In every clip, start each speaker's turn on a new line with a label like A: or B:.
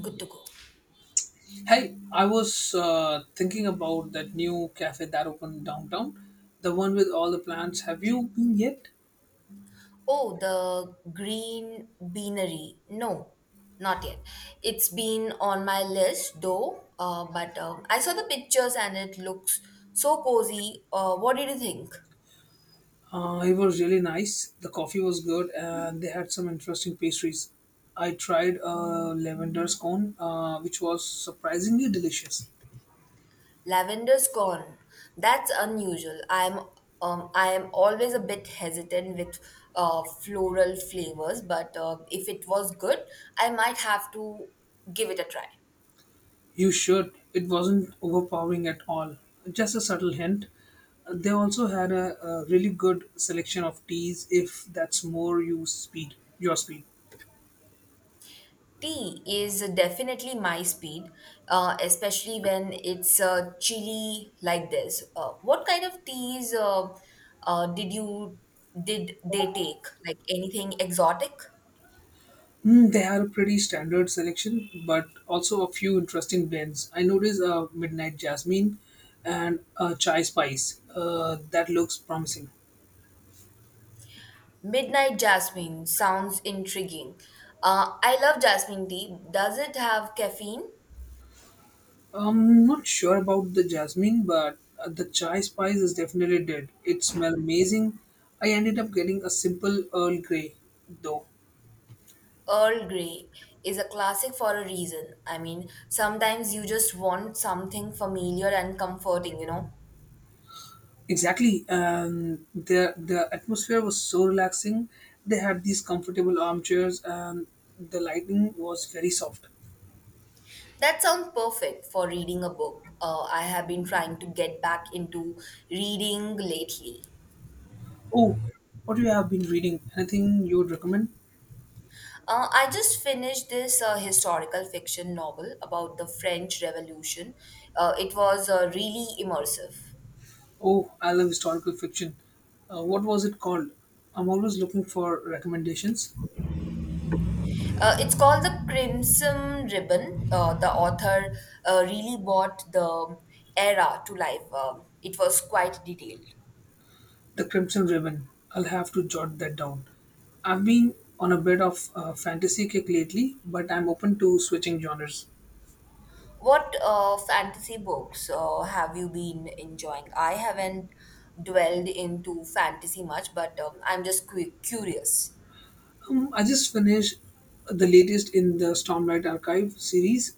A: Good to go.
B: Hey, I was thinking about that new cafe that opened downtown, the one with all the plants. Have you been yet?
A: Oh, the Green Beanery. No, not yet. It's been on my list though, but I saw the pictures and it looks so cozy. What did you think?
B: It was really nice. The coffee was good, and they had some interesting pastries. I tried a lavender scone, which was surprisingly delicious.
A: Lavender's gone. That's unusual. I am always a bit hesitant with floral flavors, but if it was good, I might have to give it a try.
B: You should. It wasn't overpowering at all. Just a subtle hint. They also had a really good selection of teas, if that's more you speed your speed.
A: Tea is definitely my speed, especially when it's chilly like this. What kind of teas uh, did you did they take? Like anything exotic?
B: Hmm, they had a pretty standard selection, but also a few interesting blends. I noticed a midnight jasmine and a chai spice. That looks promising.
A: Midnight jasmine sounds intriguing. I love jasmine tea. Does it have caffeine?
B: I'm not sure about the jasmine, but the chai spice is definitely dead. It smells amazing. I ended up getting a simple Earl Grey, though.
A: Earl Grey is a classic for a reason. I mean, sometimes you just want something familiar and comforting, you know.
B: Exactly, and the atmosphere was so relaxing. They had these comfortable armchairs, and the lighting was very soft.
A: That sounds perfect for reading a book. I have been trying to get back into reading lately.
B: Oh, what do you have been reading? Anything you would recommend?
A: I just finished this historical fiction novel about the French Revolution. It was really immersive.
B: Oh, I love historical fiction. What was it called? I'm always looking for recommendations.
A: It's called The Crimson Ribbon. The author really brought the era to life. It was quite detailed.
B: The Crimson Ribbon. I'll have to jot that down. I've been on a bit of fantasy kick lately, but I'm open to switching genres.
A: What fantasy books have you been enjoying? I haven't dwelled into fantasy much, but I'm just curious.
B: I just finished the latest in the Stormlight Archive series.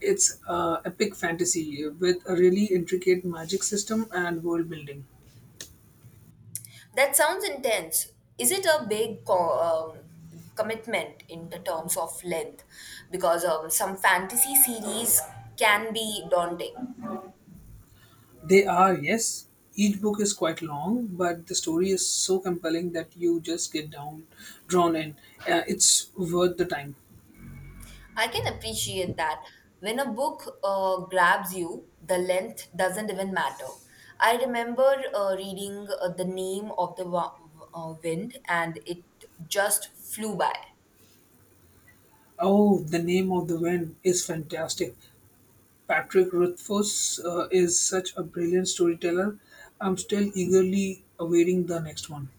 B: It's epic fantasy with a really intricate magic system and world building.
A: That sounds intense. Is it a big commitment in the terms of length? Because some fantasy series can be daunting.
B: They are, yes. Each book is quite long, but the story is so compelling that you just drawn in. It's worth the time.
A: I can appreciate that. When a book grabs you, the length doesn't even matter. I remember reading The Name of the Wa- Wind and it just flew by.
B: Oh, The Name of the Wind is fantastic. Patrick Rothfuss is such a brilliant storyteller. I'm still eagerly awaiting the next one.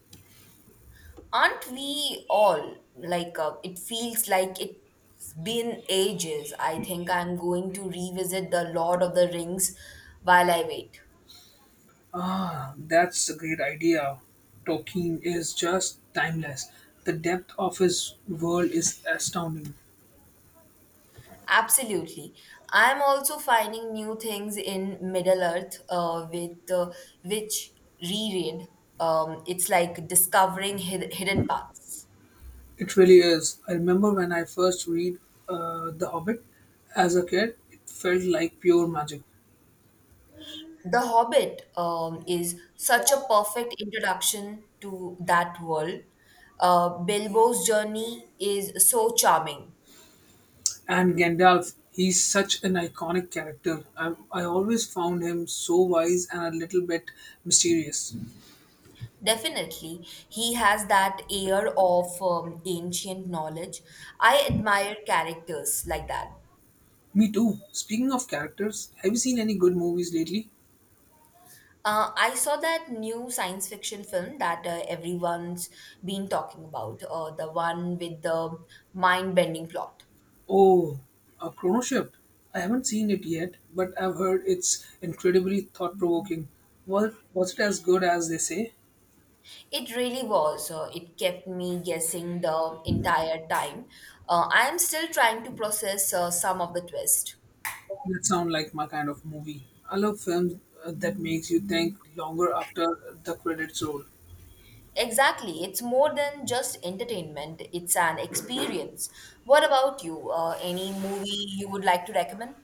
A: Aren't we all like it feels like it's been ages? I think I'm going to revisit The Lord of the Rings while I wait.
B: Ah, that's a great idea. Tolkien is just timeless. The depth of his world is astounding.
A: Absolutely. I'm also finding new things in Middle Earth with which reread. It's like discovering hidden paths.
B: It really is. I remember when I first read The Hobbit as a kid, it felt like pure magic.
A: The Hobbit is such a perfect introduction to that world. Bilbo's journey is so charming.
B: And Gandalf, he's such an iconic character. I always found him so wise and a little bit mysterious.
A: Definitely, he has that air of ancient knowledge. I admire characters like that.
B: Me too. Speaking of characters, have you seen any good movies lately?
A: I saw that new science fiction film that everyone's been talking about, the one with the mind bending plot.
B: Oh, a Chrono Shift. I haven't seen it yet, but I've heard it's incredibly thought provoking. Was it as good as they say?
A: It really was. It kept me guessing the entire time. I am still trying to process some of the twist.
B: That sounds like my kind of movie. I love films that makes you think longer after the credits roll.
A: Exactly. It's more than just entertainment, it's an experience. What about you? Any movie you would like to recommend?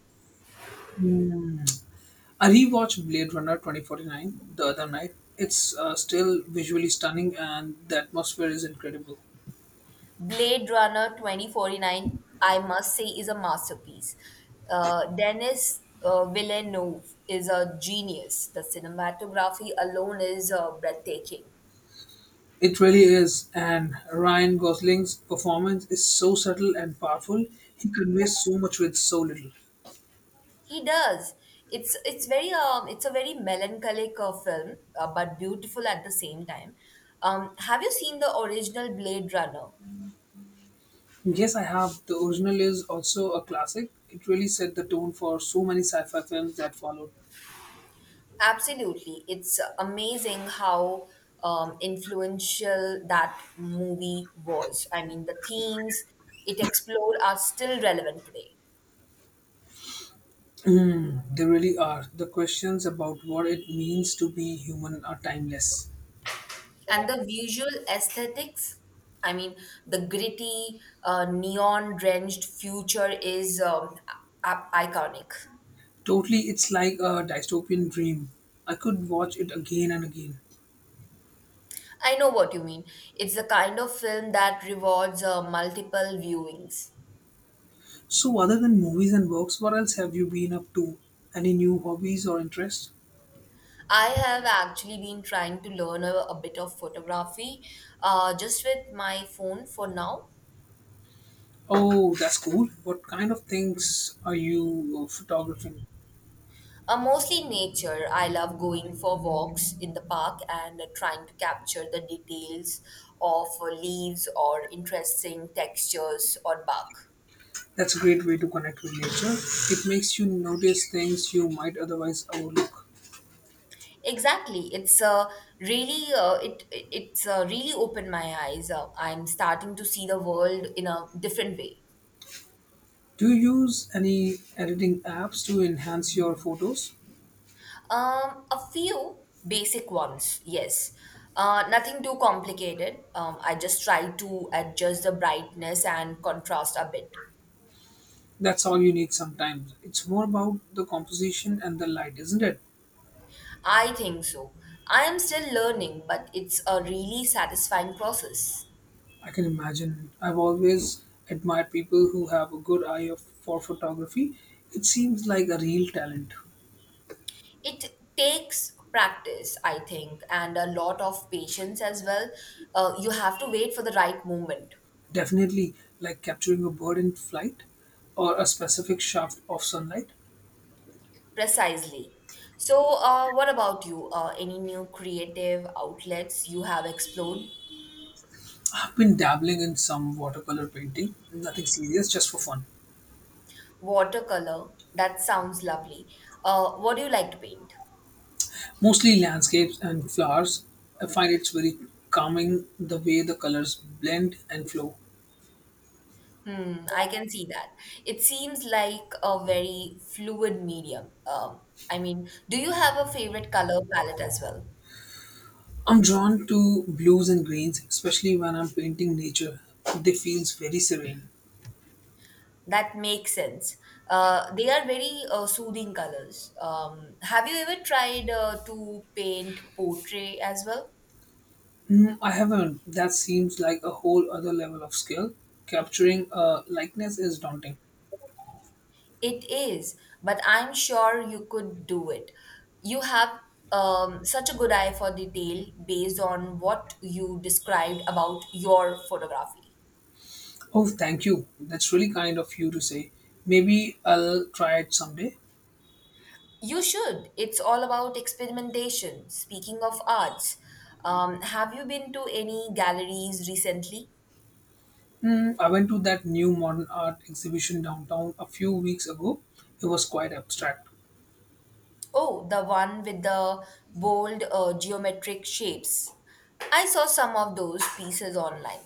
B: I rewatched Blade Runner 2049 the other night. It's still visually stunning and the atmosphere is incredible.
A: Blade Runner 2049, I must say, is a masterpiece. Denis Villeneuve is a genius. The cinematography alone is breathtaking.
B: It really is. And Ryan Gosling's performance is so subtle and powerful. He conveys so much with so little.
A: He does. It's very it's a very melancholic film, but beautiful at the same time. Have you seen the original Blade Runner?
B: Yes, I have. The original is also a classic. It really set the tone for so many sci fi films that followed.
A: Absolutely. It's amazing how influential that movie was. I mean, the themes it explored are still relevant today.
B: They really are. The questions about what it means to be human are timeless.
A: And the visual aesthetics, I mean, the gritty, neon drenched future is iconic.
B: Totally, it's like a dystopian dream. I could watch it again and again.
A: I know what you mean. It's the kind of film that rewards multiple viewings.
B: So, other than movies and books, what else have you been up to? Any new hobbies or interests?
A: I have actually been trying to learn a bit of photography just with my phone for now.
B: Oh, that's cool. What kind of things are you photographing?
A: Mostly nature. I love going for walks in the park and trying to capture the details of leaves or interesting textures on bark.
B: That's a great way to connect with nature. It makes you notice things you might otherwise overlook.
A: Exactly. It's really opened my eyes. I'm starting to see the world in a different way.
B: Do you use any editing apps to enhance your photos?
A: A few basic ones, yes. Nothing too complicated. I just try to adjust the brightness and contrast a bit.
B: That's all you need sometimes. It's more about the composition and the light, isn't it?
A: I think so. I am still learning, but it's a really satisfying process.
B: I can imagine. I've always admired people who have a good for photography. It seems like a real talent.
A: It takes practice, I think, and a lot of patience as well. You have to wait for the right moment.
B: Definitely, like capturing a bird in flight or a specific shaft of sunlight.
A: Precisely. So, what about you? Any new creative outlets you have explored?
B: I've been dabbling in some watercolor painting, nothing serious, just for fun.
A: Watercolor. That sounds lovely. What do you like to paint?
B: Mostly landscapes and flowers. I find it's very calming the way the colors blend and flow.
A: Hmm, I can see that. It seems like a very fluid medium. I mean, do you have a favorite color palette as well?
B: I'm drawn to blues and greens, especially when I'm painting nature. They feels very serene.
A: That makes sense. They are very soothing colors. Have you ever tried to paint portrait as well?
B: Mm, I haven't. That seems like a whole other level of skill. Capturing a likeness is daunting.
A: It is, but I'm sure you could do it. You have such a good eye for detail based on what you described about your photography.
B: Oh, thank you. That's really kind of you to say. Maybe I'll try it someday.
A: You should. It's all about experimentation. Speaking of arts, have you been to any galleries recently?
B: Mm, I went to that new modern art exhibition downtown a few weeks ago. It was quite abstract.
A: Oh, the one with the bold geometric shapes. I saw some of those pieces online.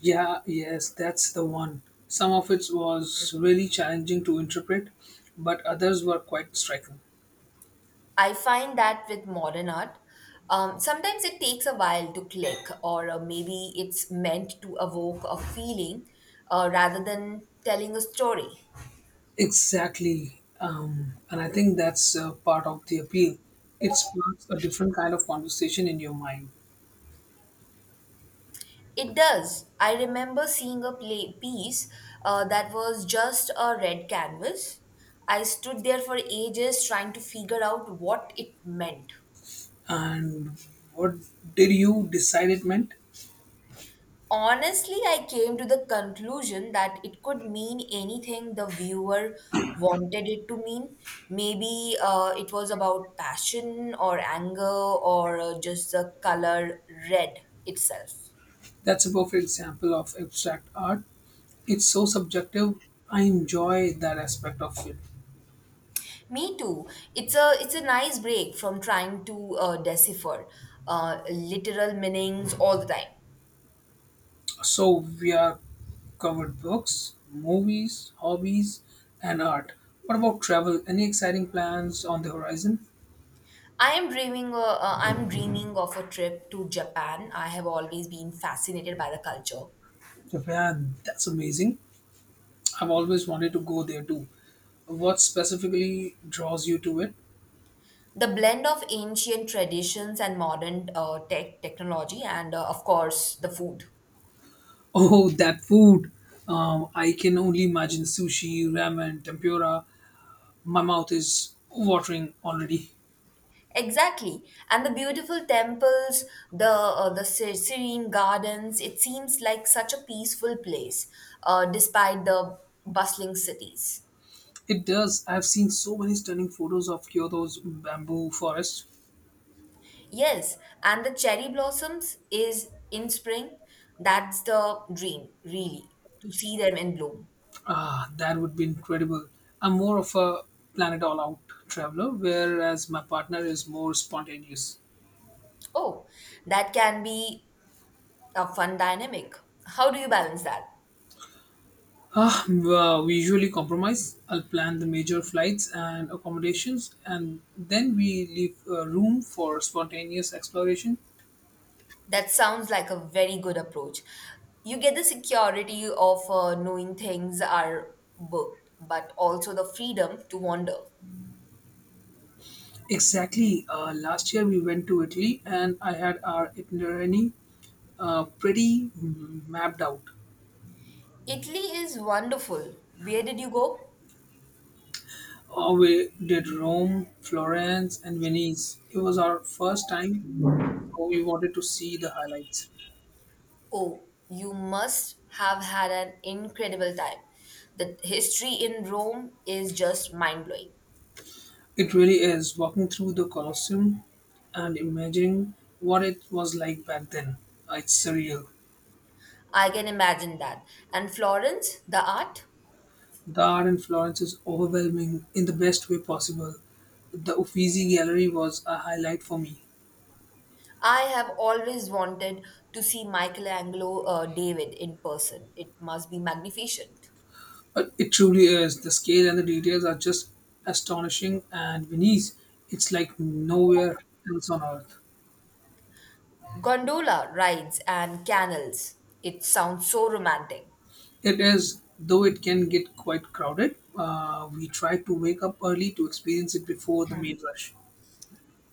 B: Yeah, yes, that's the one. Some of it was really challenging to interpret, but others were quite striking.
A: I find that with modern art, sometimes it takes a while to click, or maybe it's meant to evoke a feeling rather than telling a story.
B: Exactly. And I think that's part of the appeal. It sparks a different kind of conversation in your mind.
A: It does. I remember seeing a play piece that was just a red canvas. I stood there for ages trying to figure out what it meant.
B: And what did you decide it meant?
A: Honestly, I came to the conclusion that it could mean anything the viewer wanted it to mean. Maybe it was about passion or anger or just the color red itself.
B: That's a perfect example of abstract art. It's so subjective. I enjoy that aspect of it.
A: Me too. It's a nice break from trying to decipher literal meanings all the time.
B: So, we are covered books, movies, hobbies, and art. What about travel? Any exciting plans on the horizon?
A: I am dreaming. I'm dreaming of a trip to Japan. I have always been fascinated by the culture,
B: Japan, that's amazing. I've always wanted to go there too. What specifically draws you to it?
A: the blend of ancient traditions and modern technology, and of course the food.
B: Oh, that food! I can only imagine sushi, ramen, tempura. My mouth is watering already.
A: Exactly, and the beautiful temples, the serene gardens. It seems like such a peaceful place, despite the bustling cities.
B: It does. I've seen so many stunning photos of Kyoto's bamboo forest.
A: Yes, and the cherry blossoms is in spring. That's the dream, really, to see them in bloom.
B: Ah, that would be incredible. I'm more of a planet all out traveler, whereas my partner is more spontaneous.
A: Oh, that can be a fun dynamic. How do you balance that?
B: Ah, well, we usually compromise. I'll plan the major flights and accommodations, and then we leave room for spontaneous exploration.
A: That sounds like a very good approach. You get the security of knowing things are booked, but also the freedom to wander.
B: Exactly. Last year we went to Italy, and I had our itinerary pretty mapped out.
A: Italy is wonderful. Where did you go?
B: We did Rome, Florence, and Venice. It was our first time, so we wanted to see the highlights.
A: Oh, you must have had an incredible time. The history in Rome is just mind blowing.
B: It really is walking through the Colosseum and imagining what it was like back then. It's surreal.
A: I can imagine that. And Florence, the art?
B: The art in Florence is overwhelming in the best way possible. The Uffizi Gallery was a highlight for me.
A: I have always wanted to see Michelangelo David in person. It must be magnificent.
B: It truly is. The scale and the details are just astonishing, and Venice, it's like nowhere else on earth.
A: Gondola rides and canals. It sounds so romantic.
B: It is, though it can get quite crowded. We try to wake up early to experience it before the main rush.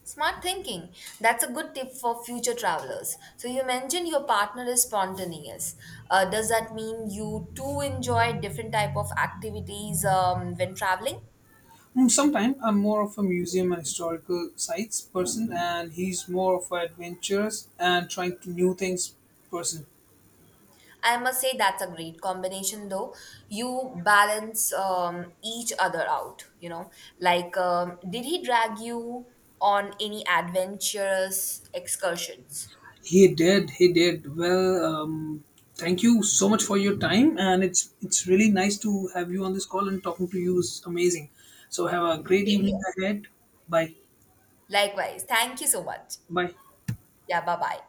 A: Smart thinking. That's a good tip for future travelers. So, you mentioned your partner is spontaneous. Does that mean you too enjoy different type of activities when traveling?
B: Sometimes I'm more of a museum and historical sites person, and he's more of an adventurous and trying to new things person.
A: I must say that's a great combination, though. You balance each other out. You know, like did he drag you on any adventurous excursions?
B: He did well. Thank you so much for your time, and it's really nice to have you on this call and talking to you is amazing. So have a great
A: Same
B: evening
A: here.
B: ahead. Bye,
A: Likewise. Thank you so much.
B: bye.
A: Yeah, bye bye.